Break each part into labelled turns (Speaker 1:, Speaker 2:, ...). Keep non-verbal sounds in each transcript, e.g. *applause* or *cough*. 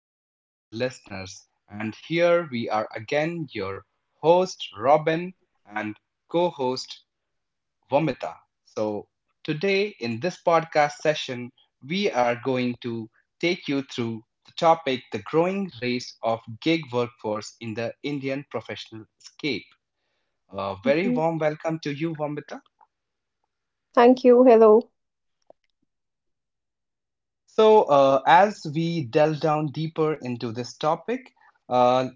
Speaker 1: to all our listeners. And here we are again, your host, Robin, and co host, Vomita. So, today in this podcast session, we are going to take you through the topic the growing race of gig workforce in the Indian professional scape. A very
Speaker 2: Mhm.
Speaker 1: warm welcome to you, Vomita.
Speaker 2: Thank you. Hello.
Speaker 1: So, as we delve down deeper into this topic, uh,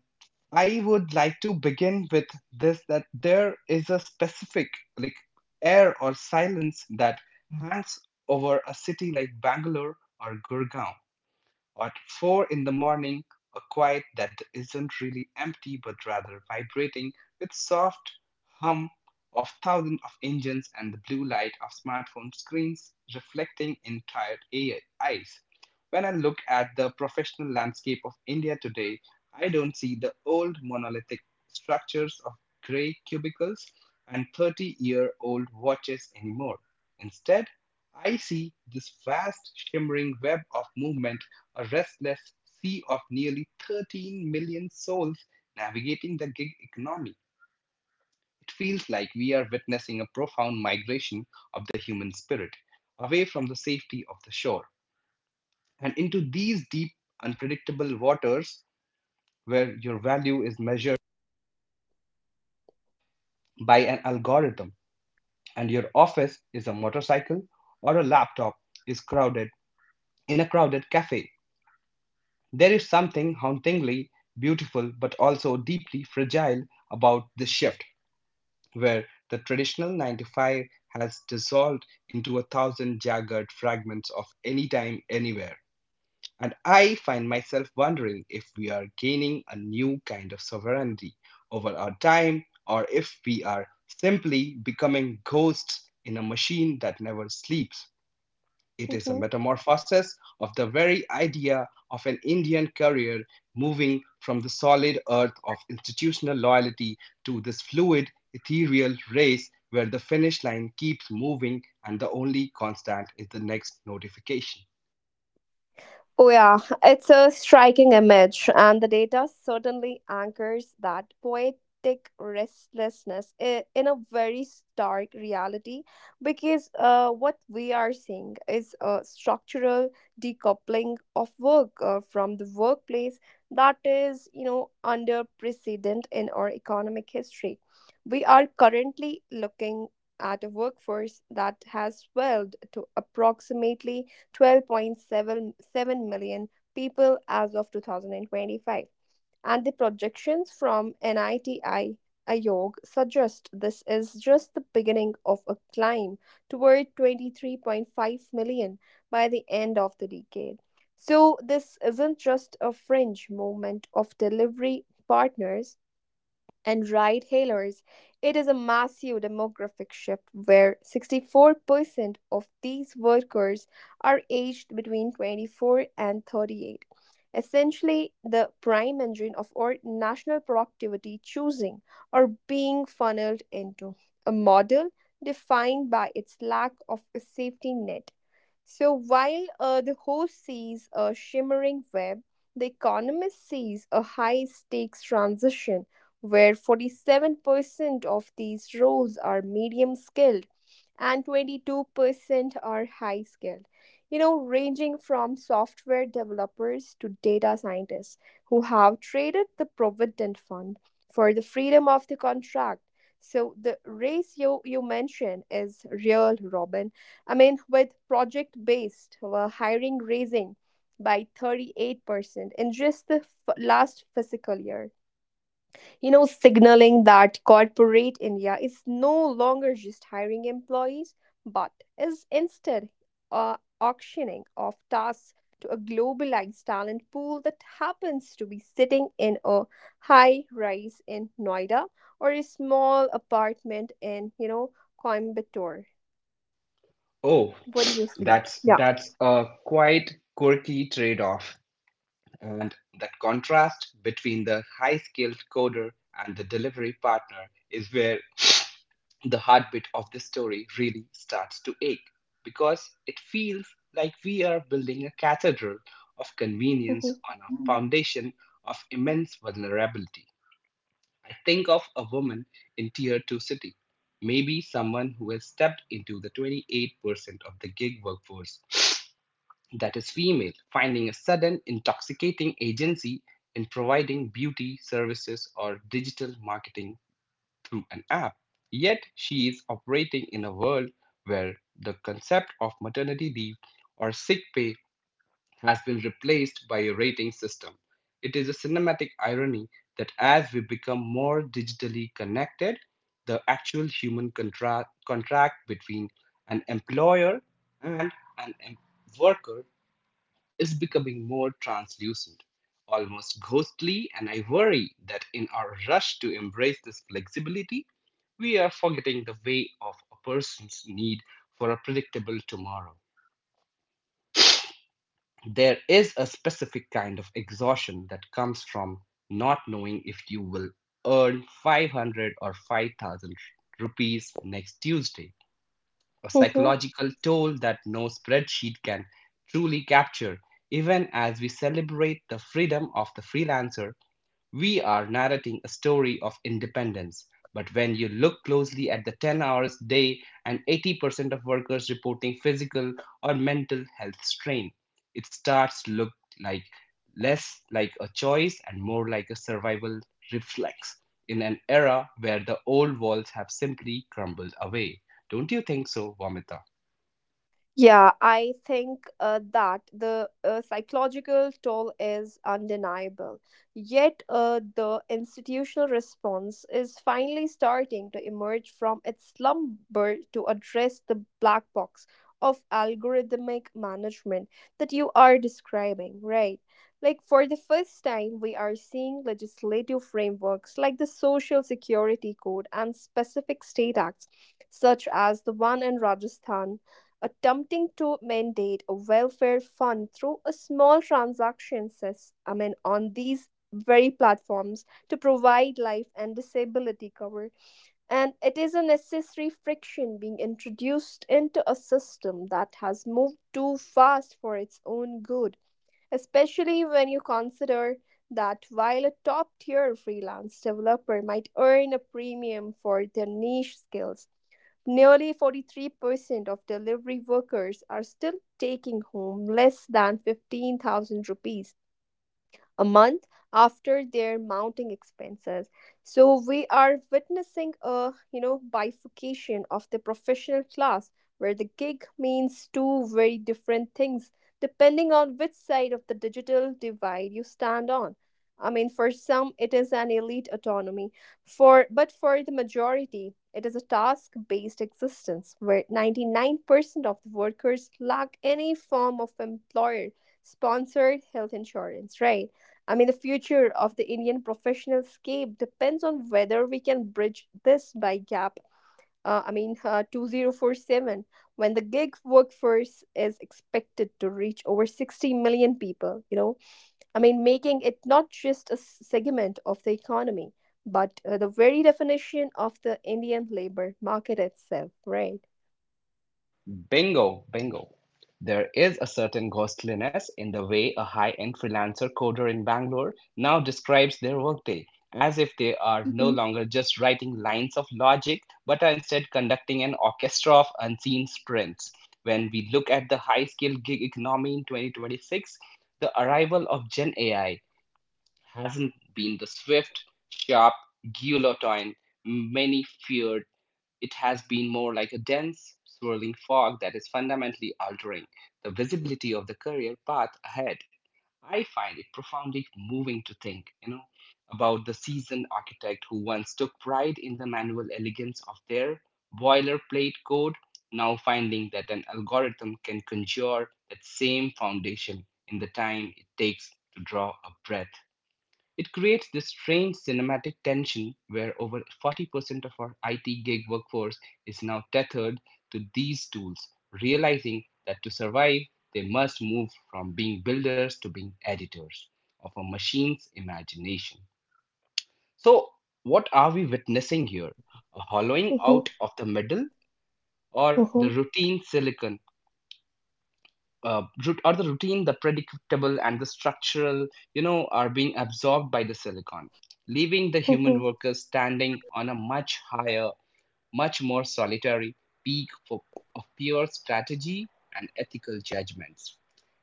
Speaker 1: I would like to begin with this that there is a specific like air or silence that hangs over a city like Bangalore or Gurgaon. At four in the morning, a quiet that isn't really empty but rather vibrating with soft hum of thousands of engines and the blue light of smartphone screens reflecting in tired eyes. When I look at the professional landscape of India today, I don't see the old monolithic structures of gray cubicles and 30-year-old watches anymore. Instead, I see this vast shimmering web of movement, a restless sea of nearly 13 million souls navigating the gig economy. It feels like we are witnessing a profound migration of the human spirit away from the safety of the shore and into these deep, unpredictable waters where your value is measured by an algorithm and your office is a motorcycle or a laptop is crowded in a crowded cafe. There is something hauntingly beautiful but also deeply fragile about this shift, where the traditional 9-5 has dissolved into a thousand jagged fragments of anytime, anywhere. And I find myself wondering if we are gaining a new kind of sovereignty over our time, or if we are simply becoming ghosts in a machine that never sleeps. It is a
Speaker 2: Mhm.
Speaker 1: metamorphosis of the very idea of an Indian career, moving from the solid earth of institutional loyalty to this fluid, ethereal race where the finish line keeps moving and the only constant is the next notification.
Speaker 2: Oh, yeah, it's a striking image, and the data certainly anchors that poetic restlessness in a very stark reality because what we are seeing is a structural decoupling of work from the workplace that is, you know, under precedent in our economic history. We are currently looking at a workforce that has swelled to approximately 12.77 million people as of 2025. And the projections from NITI Ayog suggest this is just the beginning of a climb toward 23.5 million by the end of the decade. So, this isn't just a fringe movement of delivery partners, and ride hailers. It is a massive demographic shift where 64% of these workers are aged between 24 and 38. Essentially, the prime engine of our national productivity choosing or being funneled into a model defined by its lack of a safety net. So while the host sees a shimmering web, the economist sees a high stakes transition where 47% of these roles are medium skilled and 22% are high skilled. You know, ranging from software developers to data scientists who have traded the provident fund for the freedom of the contract. So the ratio you mentioned is real, Robin. I mean, with project based hiring raising by 38% in just the last fiscal year, you know, signaling that corporate India is no longer just hiring employees, but is instead auctioning off tasks to a globalized talent pool that happens to be sitting in a high rise in Noida or a small apartment in, you know, Coimbatore.
Speaker 1: Oh,
Speaker 2: What do you think?
Speaker 1: that's
Speaker 2: Yeah.
Speaker 1: that's a quite quirky trade-off. And that contrast between the high skilled coder and the delivery partner is where the heartbeat of the story really starts to ache, because it feels like we are building a cathedral of convenience
Speaker 2: Hmm.
Speaker 1: on a foundation of immense vulnerability. I think of a woman in tier 2 city, maybe someone who has stepped into the 28% of the gig workforce that is female, finding a sudden intoxicating agency in providing beauty services or digital marketing through an app. Yet she is operating in a world where the concept of maternity leave or sick pay has been replaced by a rating system. It is a cinematic irony that as we become more digitally connected, the actual human contract between an employer and an worker is becoming more translucent, almost ghostly, and I worry that in our rush to embrace this flexibility, we are forgetting the way of a person's need for a predictable tomorrow. There is a specific kind of exhaustion that comes from not knowing if you will earn 500 or 5,000 rupees next Tuesday, a
Speaker 2: Hmm.
Speaker 1: psychological toll that no spreadsheet can truly capture. Even as we celebrate the freedom of the freelancer, we are narrating a story of independence, but when you look closely at the 10 hours a day and 80% of workers reporting physical or mental health strain, it starts to look like less like a choice and more like a survival reflex in an era where the old walls have simply crumbled away. Don't you think so, Vamita?
Speaker 2: Yeah, I think that the psychological toll is undeniable. Yet, the institutional response is finally starting to emerge from its slumber to address the black box of algorithmic management that you are describing, right? Like, for the first time, we are seeing legislative frameworks like the Social Security Code and specific state acts, such as the one in Rajasthan, attempting to mandate a welfare fund through a small transaction I mean, on these very platforms to provide life and disability cover. And it is a necessary friction being introduced into a system that has moved too fast for its own good, especially when you consider that while a top tier freelance developer might earn a premium for their niche skills, nearly 43% of delivery workers are still taking home less than 15,000 rupees a month after their mounting expenses. So we are witnessing a, you know, bifurcation of the professional class where the gig means two very different things depending on which side of the digital divide you stand on. I mean, for some it is an elite autonomy, for but for the majority it is a task based existence where 99% of the workers lack any form of employer sponsored health insurance, right? I mean, the future of the Indian professional scape depends on whether we can bridge this by gap. I mean, 2047, when the gig workforce is expected to reach over 60 million people, you know, I mean, making it not just a segment of the economy, but the very definition of the Indian labor market itself, right?
Speaker 1: Bingo, bingo. There is a certain ghostliness in the way a high end freelancer coder in Bangalore now describes their workday, as if they are no
Speaker 2: Mm-hmm.
Speaker 1: longer just writing lines of logic, but are instead conducting an orchestra of unseen sprints. When we look at the high skilled gig economy in 2026, the arrival of Gen AI hasn't been the swift, sharp guillotine many feared. It has been more like a dense, swirling fog that is fundamentally altering the visibility of the career path ahead. I find it profoundly moving to think, about the seasoned architect who once took pride in the manual elegance of their boilerplate code, now finding that an algorithm can conjure that same foundation in the time it takes to draw a breath. It creates this strange cinematic tension where over 40% of our IT gig workforce is now tethered to these tools, realizing that to survive, they must move from being builders to being editors of a machine's imagination. So, what are we witnessing here? A hollowing out
Speaker 2: Mm-hmm.
Speaker 1: of the middle or the
Speaker 2: Mm-hmm.
Speaker 1: routine silicon, or the routine, the predictable, and the structural, are being absorbed by the silicon, leaving the human
Speaker 2: Mm-hmm.
Speaker 1: workers standing on a much higher, much more solitary peak for, of pure strategy and ethical judgments.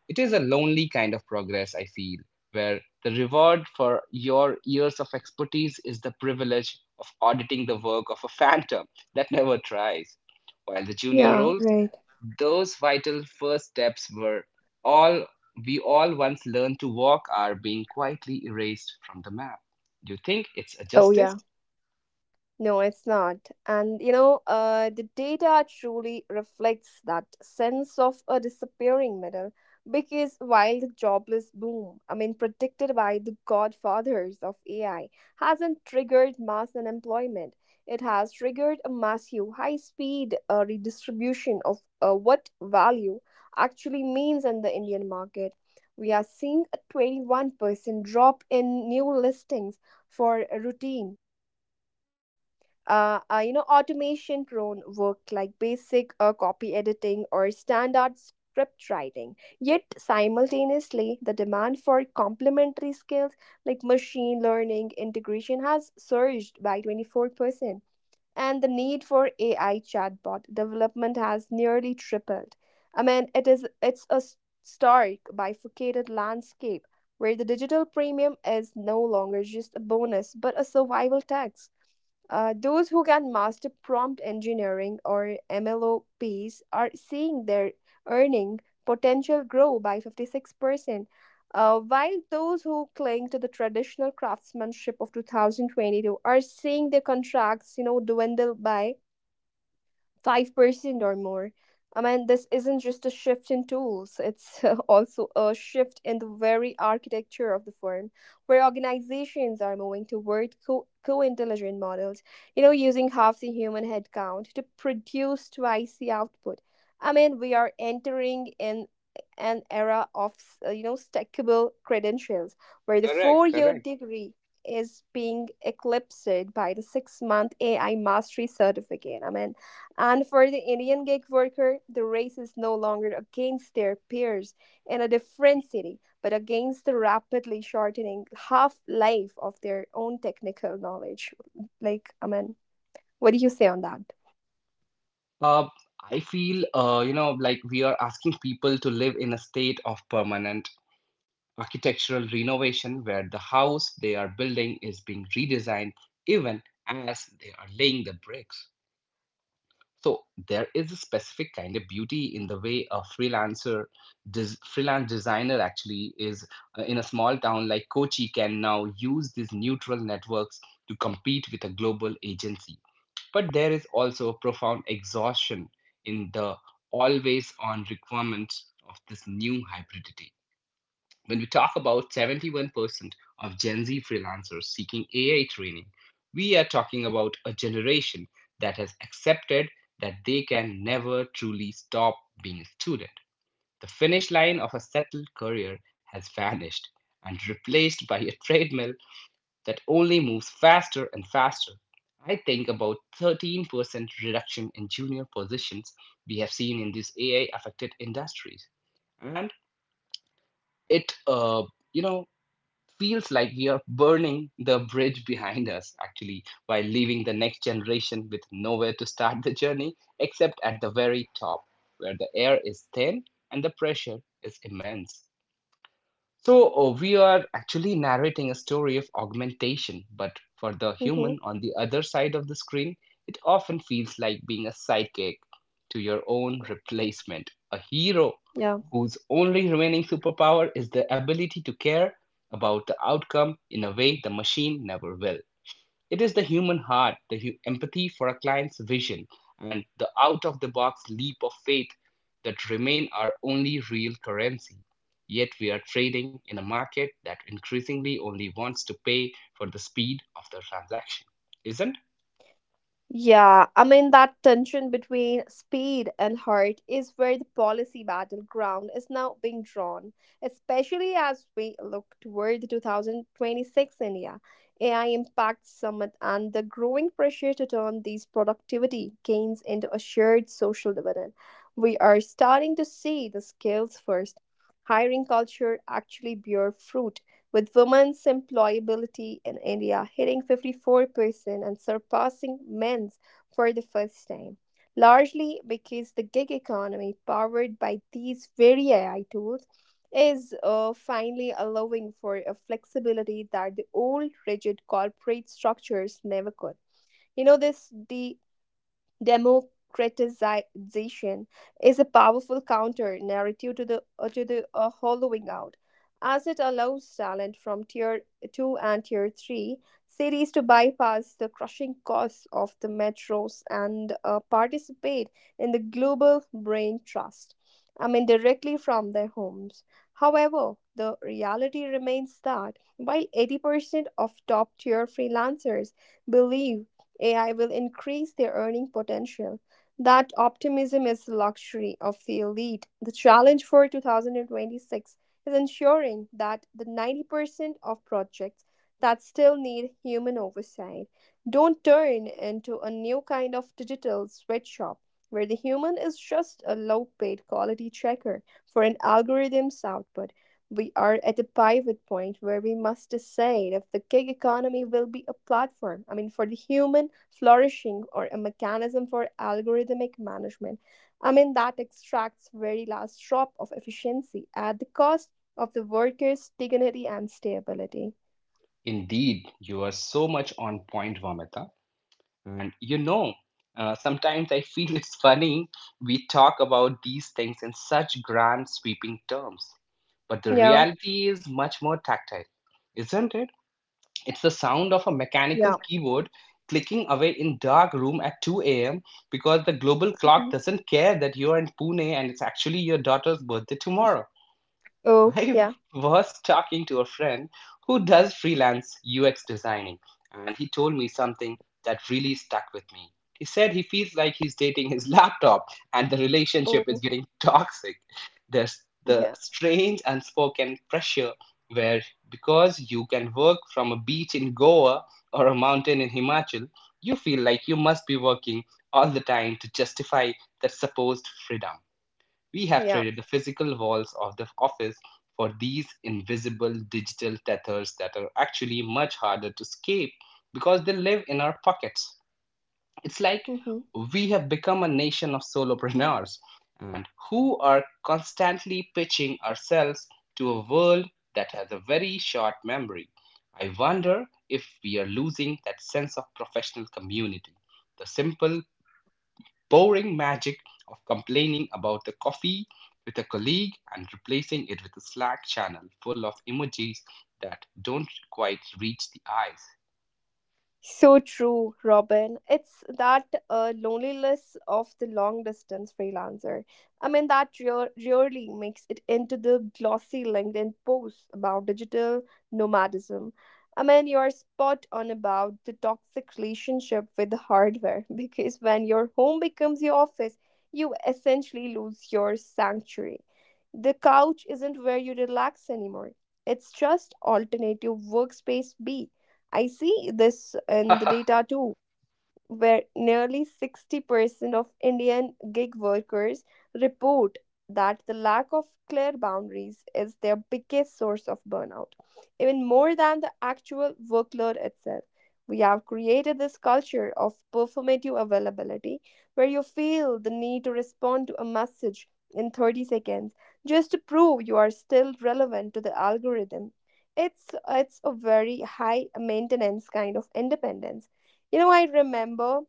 Speaker 1: It is a lonely kind of progress, I feel, where the reward for your years of expertise is the privilege of auditing the work of a phantom that never tries. While the junior
Speaker 2: Yeah,
Speaker 1: roles,
Speaker 2: right.
Speaker 1: those vital first steps were all we all once learned to walk, are being quietly erased from the map. Do you think it's a
Speaker 2: Oh,
Speaker 1: justice?
Speaker 2: yeah. No, it's not. And you know, the data truly reflects that sense of a disappearing middle because while the jobless boom, I mean, predicted by the godfathers of AI, hasn't triggered mass unemployment, it has triggered a massive high speed redistribution of what value actually means in the Indian market. We are seeing a 21% drop in new listings for routine you know, automation prone work like basic copy editing or standard script writing, yet simultaneously the demand for complementary skills like machine learning integration has surged by 24%, and the need for AI chatbot development has nearly tripled. I mean, it's a stark bifurcated landscape where the digital premium is no longer just a bonus but a survival tax. Those who can master prompt engineering or MLOPs are seeing their earning potential grow by 56%, while those who cling to the traditional craftsmanship of 2022 are seeing their contracts, you know, dwindle by 5% or more. I mean, this isn't just a shift in tools, it's *laughs* also a shift in the very architecture of the firm, where organizations are moving toward co-intelligent models, you know, using half the human headcount to produce twice the output. I mean, we are entering in an era of, you know, stackable credentials, where the
Speaker 1: Correct,
Speaker 2: four-year
Speaker 1: correct.
Speaker 2: degree is being eclipsed by the six-month AI mastery certificate. I mean, and for the Indian gig worker, the race is no longer against their peers in a different city, but against the rapidly shortening half life of their own technical knowledge. Like, I mean, what do you say on that?
Speaker 1: Uh, I feel, like we are asking people to live in a state of permanent architectural renovation, where the house they are building is being redesigned even as they are laying the bricks. So there is a specific kind of beauty in the way a freelancer, freelance designer actually is, in a small town like Kochi, can now use these neutral networks to compete with a global agency. But there is also a profound exhaustion in the always on requirements of this new hybridity. When we talk about 71% of Gen Z freelancers seeking AI training, we are talking about a generation that has accepted that they can never truly stop being a student. The finish line of a settled career has vanished and replaced by a treadmill that only moves faster and faster. I think about 13% reduction in junior positions we have seen in these AI affected industries. And it, you know, feels like we are burning the bridge behind us, actually, while leaving the next generation with nowhere to start the journey except at the very top, where the air is thin and the pressure is immense. So, we are actually narrating a story of augmentation, but for the
Speaker 2: Mm-hmm.
Speaker 1: human on the other side of the screen, it often feels like being a sidekick to your own replacement, a hero
Speaker 2: Yeah.
Speaker 1: whose only remaining superpower is the ability to care about the outcome in a way the machine never will. It is the human heart, the empathy for a client's vision, and the out of the box leap of faith that remain our only real currency. Yet we are trading in a market that increasingly only wants to pay for the speed of the transaction, isn't?
Speaker 2: Yeah, I mean, that tension between speed and heart is where the policy battleground is now being drawn, especially as we look toward the 2026 India AI Impact Summit and the growing pressure to turn these productivity gains into a shared social dividend. We are starting to see the skills first hiring culture actually bear fruit, with women's employability in India hitting 54% and surpassing men's for the first time, largely because the gig economy powered by these very AI tools is finally allowing for a flexibility that the old rigid corporate structures never could. You know, this de democratization is a powerful counter narrative to the hollowing out, as it allows talent from tier 2 and tier 3 cities to bypass the crushing costs of the metros and participate in the global brain trust, I mean, directly from their homes. However, the reality remains that while 80% of top tier freelancers believe AI will increase their earning potential. That optimism is the luxury of the elite. The challenge for 2026 is ensuring that the 90% of projects that still need human oversight don't turn into a new kind of digital sweatshop where the human is just a low paid quality checker for an algorithm's output. We are at a pivot point where we must decide if the gig economy will be a platform, I mean, for the human flourishing or a mechanism for algorithmic management. I mean, that extracts very last drop of efficiency at the cost of the worker's dignity and stability.
Speaker 1: Indeed, you are so much on point, Vamita. And sometimes I feel it's funny we talk about these things in such grand, sweeping terms, but the
Speaker 2: Yeah,
Speaker 1: reality is much more tactile, isn't it? It's the sound of a mechanical
Speaker 2: yeah.
Speaker 1: keyboard clicking away in dark room at 2 a.m., because the global clock
Speaker 2: Mhm.
Speaker 1: doesn't care that you're in Pune and it's actually your daughter's birthday tomorrow.
Speaker 2: Oh,
Speaker 1: I
Speaker 2: yeah.
Speaker 1: *laughs* was talking to a friend who does freelance UX designing, and he told me something that really stuck with me. He said he feels like he's dating his *laughs* laptop, and the relationship is
Speaker 2: Oh,
Speaker 1: getting toxic. There's the
Speaker 2: yeah,
Speaker 1: strange unspoken pressure where, because you can work from a beach in Goa or a mountain in Himachal, you feel like you must be working all the time to justify that supposed freedom. We have
Speaker 2: yeah.
Speaker 1: traded the physical walls of the office for these invisible digital tethers that are actually much harder to escape because they live in our pockets. It's like
Speaker 2: Hmm.
Speaker 1: we have become a nation of solopreneurs and who are constantly pitching ourselves to a world that has a very short memory. I wonder if we are losing that sense of professional community, the simple boring magic of complaining about the coffee with a colleague and replacing it with a Slack channel full of emojis that don't quite reach the eyes.
Speaker 2: So true, Robin. It's that loneliness of the long distance freelancer. I mean, that rarely makes it into the glossy LinkedIn posts about digital nomadism. I mean, you're spot on about the toxic relationship with the hardware *laughs* because when your home becomes your office, you essentially lose your sanctuary. The couch isn't where you relax anymore, it's just alternative workspace B. I see this in the
Speaker 1: *laughs*
Speaker 2: data too, where nearly 60% of Indian gig workers report that the lack of clear boundaries is their biggest source of burnout, even more than the actual workload itself. We have created this culture of performative availability where you feel the need to respond to a message in 30 seconds just to prove you are still relevant to the algorithm. It's a very high maintenance kind of independence. You know, I remember,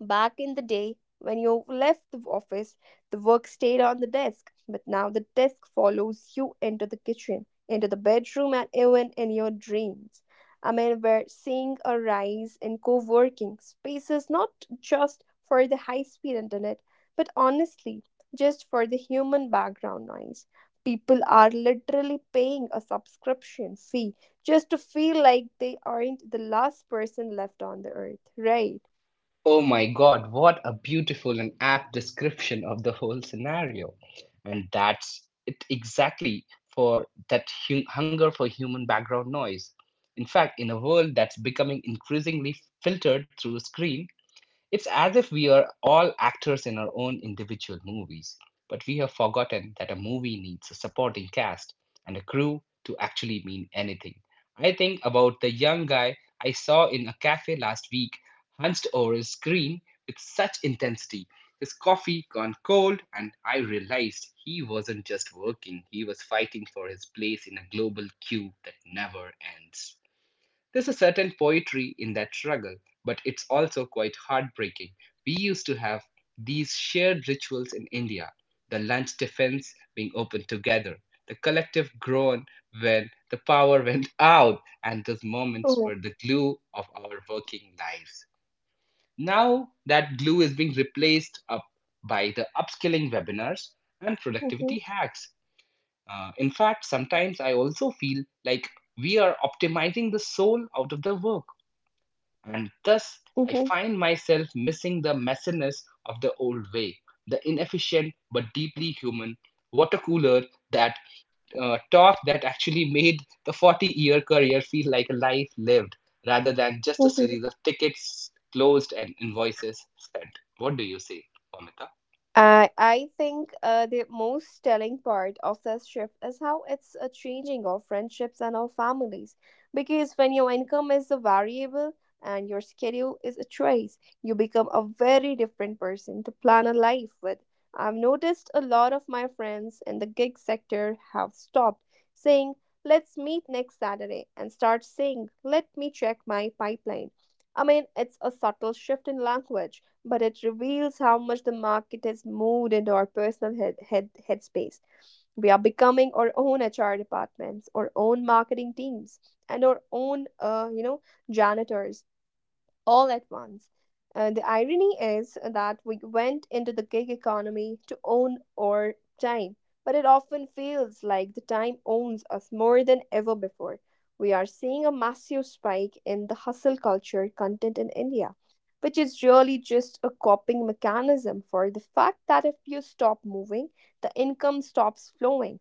Speaker 2: back in the day, when you left the office, the work stayed on the desk, but now the desk follows you into the kitchen, into the bedroom, and even in your dreams. I mean, we're seeing a rise in co working spaces not just for the high speed internet, but honestly, just for the human background noise. People are literally paying a subscription fee just to feel like they aren't the last person left on the earth, right?
Speaker 1: Oh my god, what a beautiful and apt description of the whole scenario. And that's it exactly for that hunger for human background noise. In fact, in a world that's becoming increasingly filtered through a screen, it's as if we are all actors in our own individual movies, but we have forgotten that a movie needs a supporting cast and a crew to actually mean anything. I think about the young guy I saw in a cafe last week, hunched over his screen with such intensity, his coffee gone cold, and I realized he wasn't just working, he was fighting for his place in a global queue that never ends. There's a certain poetry in that struggle, but it's also quite heartbreaking. We used to have these shared rituals in India, the lunch defense being opened together, the collective groan when the power *laughs* went out, and those moments were the glue of our working lives. Now that glue is being replaced up by the upskilling webinars and
Speaker 2: Mm-hmm,
Speaker 1: productivity hacks. In fact, sometimes I also feel like we are optimizing the soul out of the work and thus I
Speaker 2: mm-hmm,
Speaker 1: find myself missing the messiness of the old way, the inefficient but deeply human water cooler that talk that actually made the 40-year career feel like a life lived rather than just a
Speaker 2: mm-hmm.
Speaker 1: series of tickets closed and invoices sent. What do you say, Vomita?
Speaker 2: I think the most telling part of this shift is how it's changing our friendships and our families. Because when your income is a variable and your schedule is a choice, you become a very different person to plan a life with. I've noticed a lot of my friends in the gig sector have stopped saying, let's meet next Saturday, and start saying, let me check my pipeline. I mean, it's a subtle shift in language, but it reveals how much the market has moved into our personal head headspace. We are becoming our own HR departments, our own marketing teams, and our own, you know, janitors all at once. The irony is that we went into the gig economy to own our time, but it often feels like the time owns us more than ever before. We are seeing a massive spike in the hustle culture content in India, which is really just a coping mechanism for the fact that if you stop moving, the income stops flowing.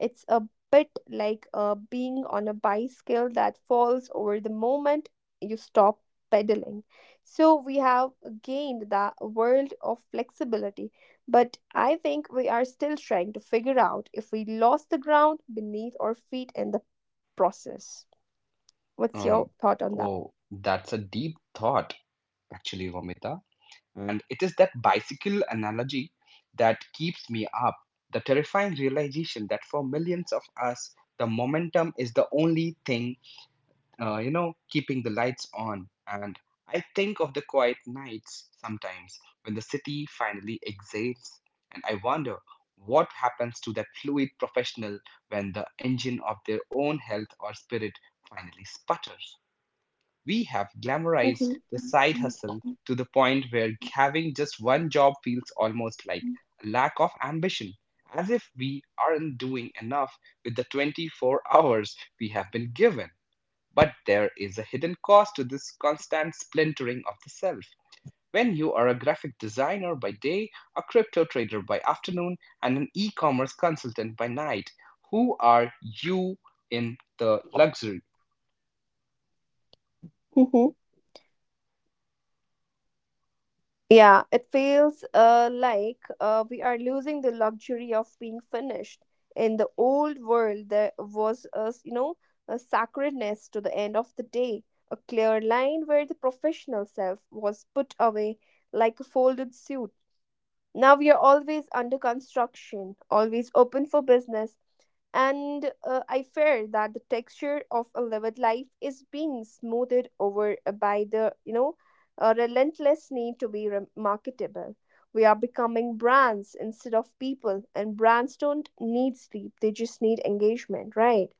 Speaker 2: It's a bit like being on a bicycle that falls over the moment you stop pedaling. So we have gained the world of flexibility, but I think we are still trying to figure out if we lost the ground beneath our feet in the process. What's
Speaker 1: Um,
Speaker 2: your thought on that?
Speaker 1: oh, that's a deep thought, actually, Vomita. And it is that bicycle analogy that keeps me up. The terrifying realization that for millions of us, the momentum is the only thing, you know, keeping the lights on. And I think of the quiet nights sometimes when the city finally exhales, and I wonder what happens to that fluid professional when the engine of their own health or spirit finally sputters. We have glamorized
Speaker 2: Mhm.
Speaker 1: the side hustle to the point where having just one job feels almost like a lack of ambition, as if we aren't doing enough with the 24 hours we have been given. But there is a hidden cost to this constant splintering of the self. When you are a graphic designer by day, a crypto trader by afternoon, and an e commerce consultant by night, who are you in the luxury?
Speaker 2: Mhm. Yeah, it feels like we are losing the luxury of being finished. In the old world, there was a, s- you know, a sacredness to the end of the day, a clear line where the professional self was put away like a folded suit. Now we are always under construction, always open for business, and I fear that the texture of a lived life is being smoothed over by the relentless need to be marketable. We are becoming brands instead of people, and brands don't need sleep; they just need engagement, right?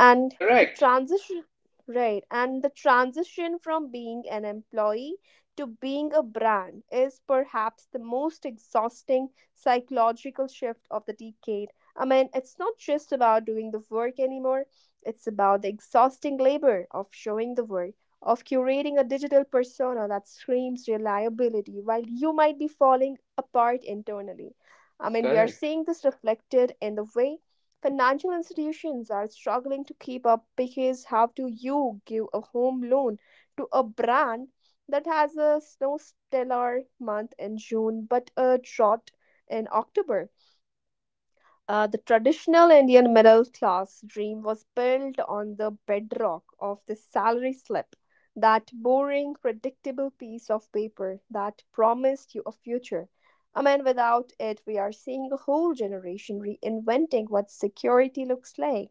Speaker 2: and the
Speaker 1: Correct,
Speaker 2: transition right and the transition from being an employee to being a brand is perhaps the most exhausting psychological shift of the decade. I mean, it's not just about doing the work anymore, it's about the exhausting labor of showing the work, of curating a digital persona that screams reliability while you might be falling apart internally. I mean, we are
Speaker 1: correct.
Speaker 2: seeing this reflected in the way financial institutions are struggling to keep up, because how do you give a home loan to a brand that has a snow stellar month in June but a drought in October? The traditional Indian middle class dream was built on the bedrock of the salary slip, that boring, predictable piece of paper that promised you a future. I mean, without it, we are seeing a whole generation reinventing what security looks like.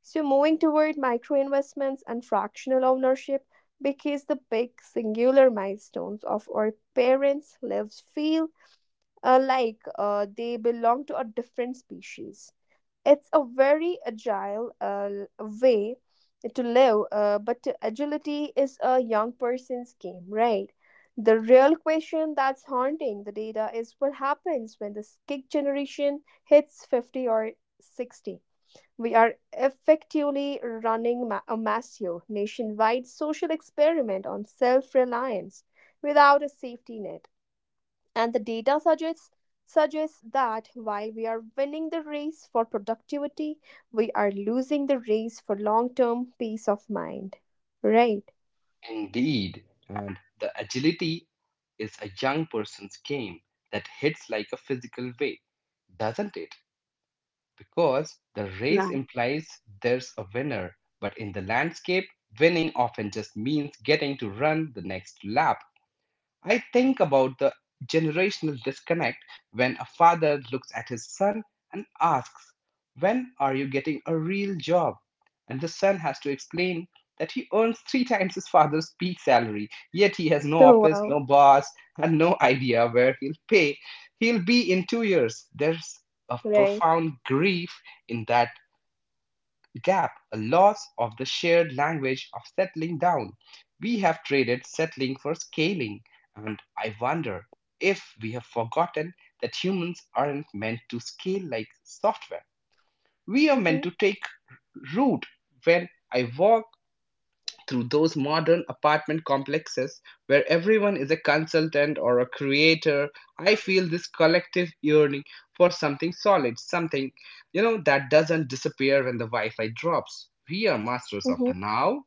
Speaker 2: So, moving toward micro investments and fractional ownership, because the big singular milestones of our parents' lives feel like they belong to a different species. It's a very agile way to live, but agility is a young person's game, right? The real question that's haunting the data is what happens when the kick generation hits 50 or 60. We are effectively running a massive nationwide social experiment on self reliance without a safety net. And the data suggests that while we are winning the race for productivity, we are losing the race for long-term peace of mind. Right.
Speaker 1: Indeed, and the agility is a young person's game that hits like a physical weight, doesn't it? Because the race
Speaker 2: Yeah.
Speaker 1: implies there's a winner, but in the landscape, winning often just means getting to run the next lap. I think about the generational disconnect when a father looks at his son and asks, when are you getting a real job? And the son has to explain that he earns three times his father's peak salary, yet he has no
Speaker 2: Oh
Speaker 1: office,
Speaker 2: wow.
Speaker 1: no boss, and no idea where he'll pay. He'll be in 2 years. There's a
Speaker 2: Right.
Speaker 1: profound grief in that gap, a loss of the shared language of settling down. We have traded settling for scaling, and I wonder if we have forgotten that humans aren't meant to scale like software. We are meant
Speaker 2: Mm-hmm.
Speaker 1: to take root. When I walk through those modern apartment complexes where everyone is a consultant or a creator, I feel this collective yearning for something solid, something, you know, that doesn't disappear when the Wi Fi drops. We are masters of the
Speaker 2: Mm-hmm.
Speaker 1: now,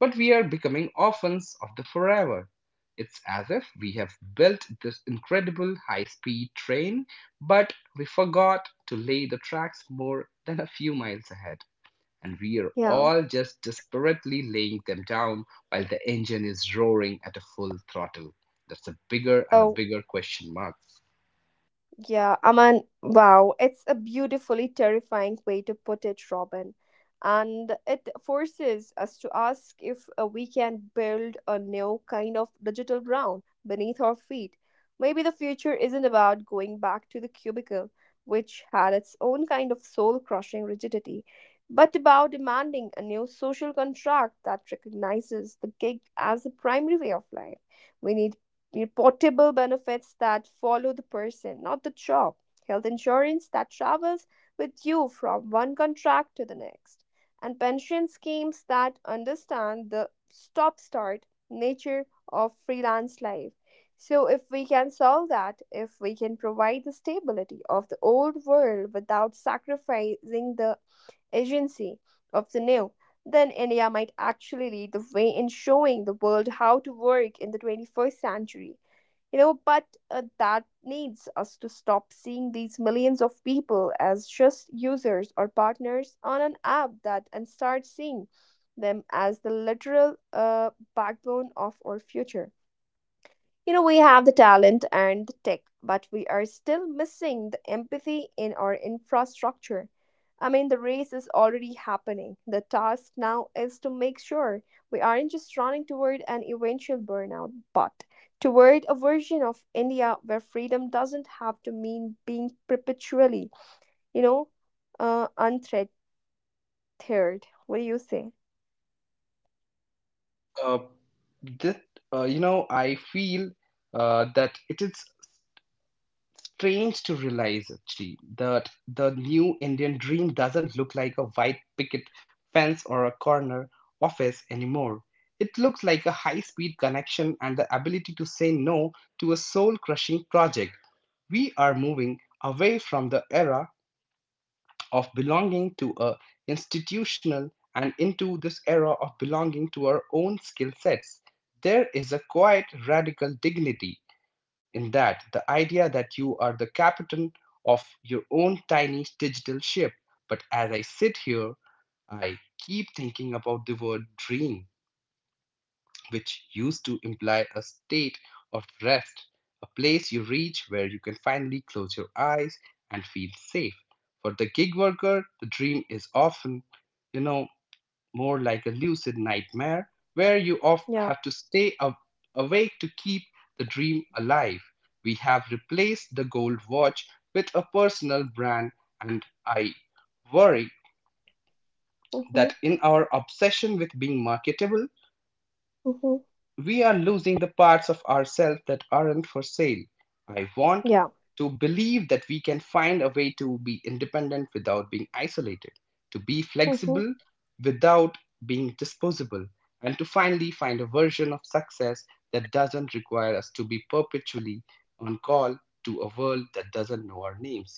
Speaker 1: but we are becoming orphans of the forever. It's as if we have built this incredible high speed train, but we forgot to lay the tracks more than a few miles ahead, and we're
Speaker 2: Yeah.
Speaker 1: all just desperately laying them down while the engine is roaring at a full throttle. That's a bigger and a
Speaker 2: Oh,
Speaker 1: bigger question mark.
Speaker 2: yeah, I mean, wow, it's a beautifully terrifying way to put it, Robin. And it forces us to ask if we can build a new kind of digital ground beneath our feet. Maybe the future isn't about going back to the cubicle, which had its own kind of soul crushing rigidity, but about demanding a new social contract that recognizes the gig as the primary way of life. We need portable benefits that follow the person, not the job, health insurance that travels with you from one contract to the next, and pension schemes that understand the stop start nature of freelance life. So, if we can solve that, if we can provide the stability of the old world without sacrificing the agency of the new, then India might actually lead the way in showing the world how to work in the 21st century. You know, but that needs us to stop seeing these millions of people as just users or partners on an app that and start seeing them as the literal backbone of our future. You know, we have the talent and the tech, but we are still missing the empathy in our infrastructure. I mean, the race is already happening. The task now is to make sure we aren't just running toward an eventual burnout, but toward a version of India where freedom doesn't have to mean being perpetually, you know, unthreatened. What do you say?
Speaker 1: Uh, that I feel that it is strange to realize actually that the new Indian dream doesn't look like a white picket fence or a corner office anymore. It looks like a high speed connection and the ability to say no to a soul crushing project. We are moving away from the era of belonging to a institutional and into this era of belonging to our own skill sets. There is a quite radical dignity in that, the idea that you are the captain of your own tiny digital ship. But as I sit here, I keep thinking about the word dream, which used to imply a state of rest, a place you reach where you can finally close your eyes and feel safe. For the gig worker, the dream is often, you know, more like a lucid nightmare where you off
Speaker 2: Yeah.
Speaker 1: have to stay up awake to keep the dream alive. We have replaced the gold watch with a personal brand, and I worry that
Speaker 2: Mm-hmm.
Speaker 1: in our obsession with being marketable,
Speaker 2: Mm-hmm.
Speaker 1: we are losing the parts of ourselves that aren't for sale. I want
Speaker 2: Yeah.
Speaker 1: to believe that we can find a way to be independent without being isolated, to be
Speaker 2: Mm-hmm.
Speaker 1: flexible without being disposable, and to finally find a version of success that doesn't require us to be perpetually on call to a world that doesn't know our names.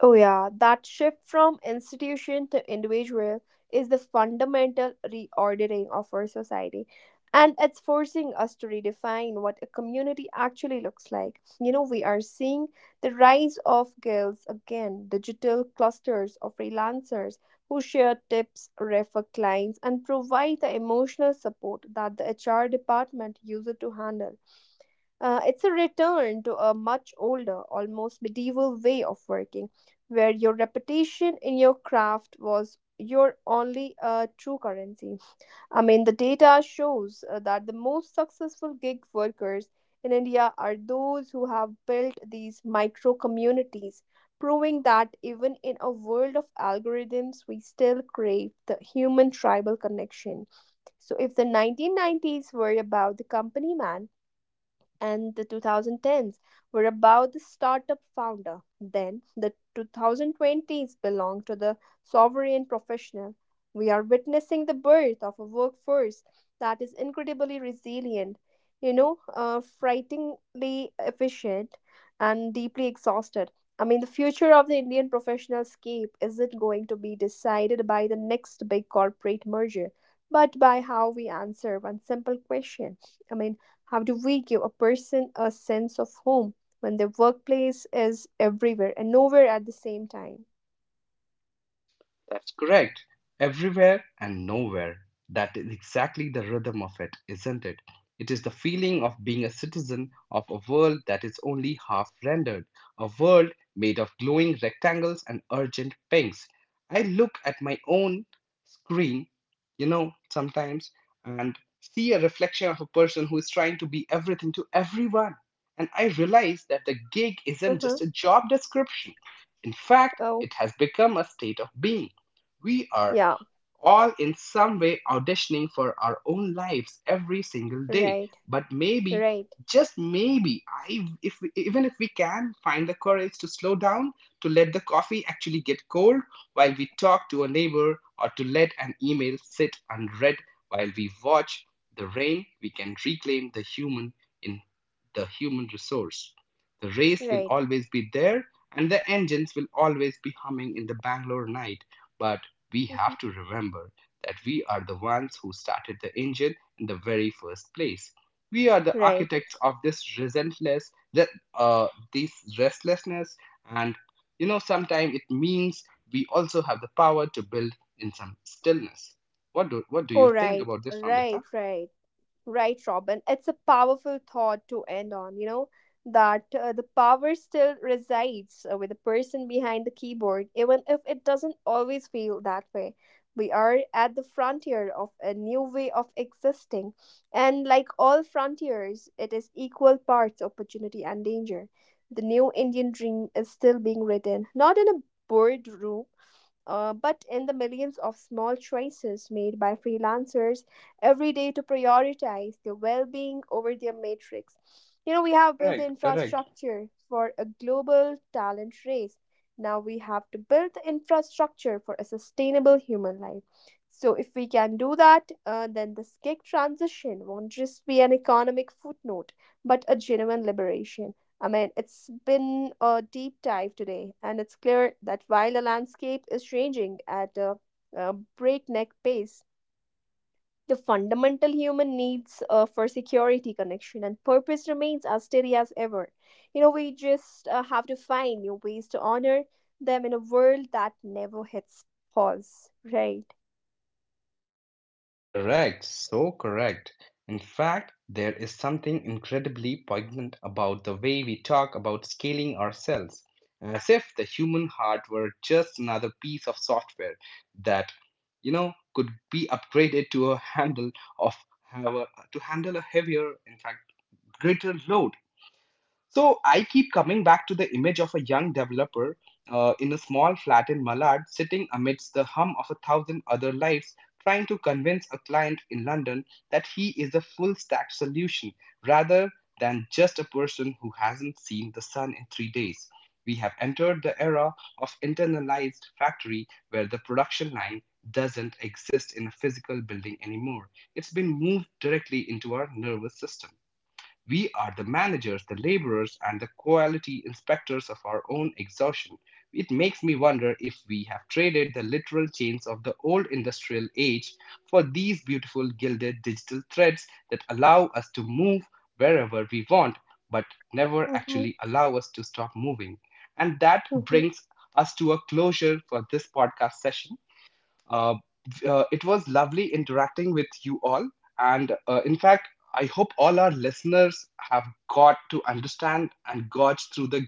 Speaker 2: Oh, yeah, that shift from institution to individual is the fundamental reordering of our society. And it's forcing us to redefine what a community actually looks like. You know, we are seeing the rise of guilds again, digital clusters of freelancers who share tips, refer clients, and provide the emotional support that the HR department uses to handle. It's a return to a much older, almost medieval way of working, where your reputation in your craft was your only true currency. I mean, the data shows that the most successful gig workers in India are those who have built these micro communities, proving that even in a world of algorithms, we still crave the human tribal connection. So, if the 1990s were about the company man, and the 2010s were about the startup founder, then the 2020s belong to the sovereign professional. We are witnessing the birth of a workforce that is incredibly resilient, you know, frighteningly efficient, and deeply exhausted. I mean, the future of the Indian professional scape isn't going to be decided by the next big corporate merger, but by how we answer one simple question. I mean, how do we give a person a sense of home when their workplace is everywhere and nowhere at the same time?
Speaker 1: That's correct. Everywhere and nowhere. That is exactly the rhythm of it, isn't it? It is the feeling of being a citizen of a world that is only half rendered, a world made of glowing rectangles and urgent pings. I look at my own screen, you know, sometimes, and see a reflection of a person who is trying to be everything to everyone. And I realize that the gig isn't
Speaker 2: Mm-hmm.
Speaker 1: just a job description. In fact,
Speaker 2: Oh,
Speaker 1: it has become a state of being. We are
Speaker 2: yeah,
Speaker 1: all in some way auditioning for our own lives every single day.
Speaker 2: right,
Speaker 1: But maybe,
Speaker 2: right,
Speaker 1: just maybe, I, if we, even if we can find the courage to slow down, to let the coffee actually get cold while we talk to a neighbor, or to let an email sit unread while we watch the rain, we can reclaim the human in the human resource. The race will
Speaker 2: right.
Speaker 1: always be there, and the engines will always be humming in the Bangalore night. But we
Speaker 2: Mhm.
Speaker 1: have to remember that we are the ones who started the engine in the very first place. We are the
Speaker 2: Right.
Speaker 1: architects of this resentless, uh, this restlessness, and you know, sometimes it means we also have the power to build in some stillness. What do you
Speaker 2: Oh,
Speaker 1: think
Speaker 2: right,
Speaker 1: about this,
Speaker 2: right,
Speaker 1: Amrita?
Speaker 2: right, right, Robin. It's a powerful thought to end on, you know, that the power still resides with the person behind the keyboard, even if it doesn't always feel that way. We are at the frontier of a new way of existing, and like all frontiers, it is equal parts opportunity and danger. The new Indian dream is still being written, not in a boardroom, but in the millions of small choices made by freelancers every day to prioritize their well being over their matrix. You know, we have built the
Speaker 1: Correct, correct.
Speaker 2: infrastructure for a global talent race. Now we have to build the infrastructure for a sustainable human life. So, if we can do that, then this gig transition won't just be an economic footnote, but a genuine liberation. I mean, it's been a deep dive today, and it's clear that while the landscape is changing at a breakneck pace, the fundamental human needs for security, connection, and purpose remains as steady as ever. You know, we just have to find new ways to honor them in a world that never hits pause, right?
Speaker 1: Correct, so correct. In fact, there is something incredibly poignant about the way we talk about scaling ourselves, as if the human heart were just another piece of software that, you know, could be upgraded to a handle of have a, to handle a heavier, in fact, greater load. So I keep coming back to the image of a young developer in a small flat in Malad, sitting amidst the hum of a thousand other lives, trying to convince a client in London that he is the full stack solution rather than just a person who hasn't seen the sun in 3 days. We have entered the era of internalized factory where the production line doesn't exist in a physical building anymore. It's been moved directly into our nervous system. We are the managers, the laborers, and the quality inspectors of our own exhaustion. It makes me wonder if we have traded the literal chains of the old industrial age for these beautiful gilded digital threads that allow us to move wherever we want, but never
Speaker 2: Mm-hmm.
Speaker 1: actually allow us to stop moving. And that brings us to a closure for this podcast session. Uh, it was lovely interacting with you all. And in fact, I hope all our listeners have got to understand and gauge through the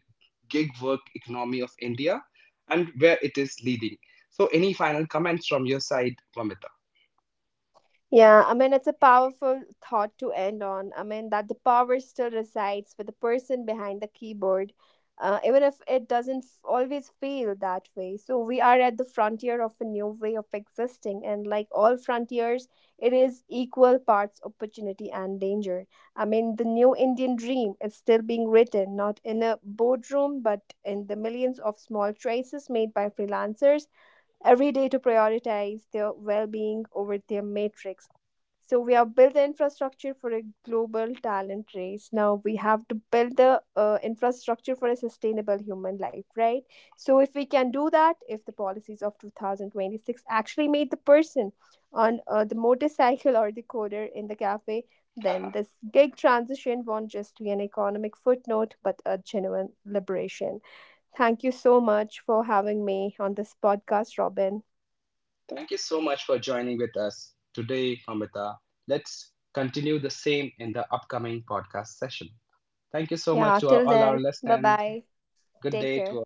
Speaker 1: gig work economy of India and where it is leading. So, any final comments from your side, Mamita?
Speaker 2: Yeah, I mean, it's a powerful thought to end on. I mean, that the power still resides with the person behind the keyboard, even if it doesn't always feel that way. So, we are at the frontier of a new way of existing, and like all frontiers, it is equal parts opportunity and danger. I mean, the new Indian dream is still being written, not in a boardroom, but in the millions of small choices made by freelancers every day to prioritize their well being over their matrix. So, we have built the infrastructure for a global talent race. Now, we have to build the infrastructure for a sustainable human life, right? So, if we can do that, if the policies of 2026 actually made the person on the motorcycle or the coder in the cafe, then
Speaker 1: *laughs*
Speaker 2: this gig transition won't just be an economic footnote, but a genuine liberation. Thank you so much for having me on this podcast, Robin.
Speaker 1: Thank you so much for joining with us today, Mamita. Let's continue the same in the upcoming podcast session. Thank you so
Speaker 2: Yeah,
Speaker 1: much to
Speaker 2: till
Speaker 1: all our
Speaker 2: then, bye
Speaker 1: listeners.
Speaker 2: bye.
Speaker 1: Good
Speaker 2: Take
Speaker 1: day
Speaker 2: care.
Speaker 1: to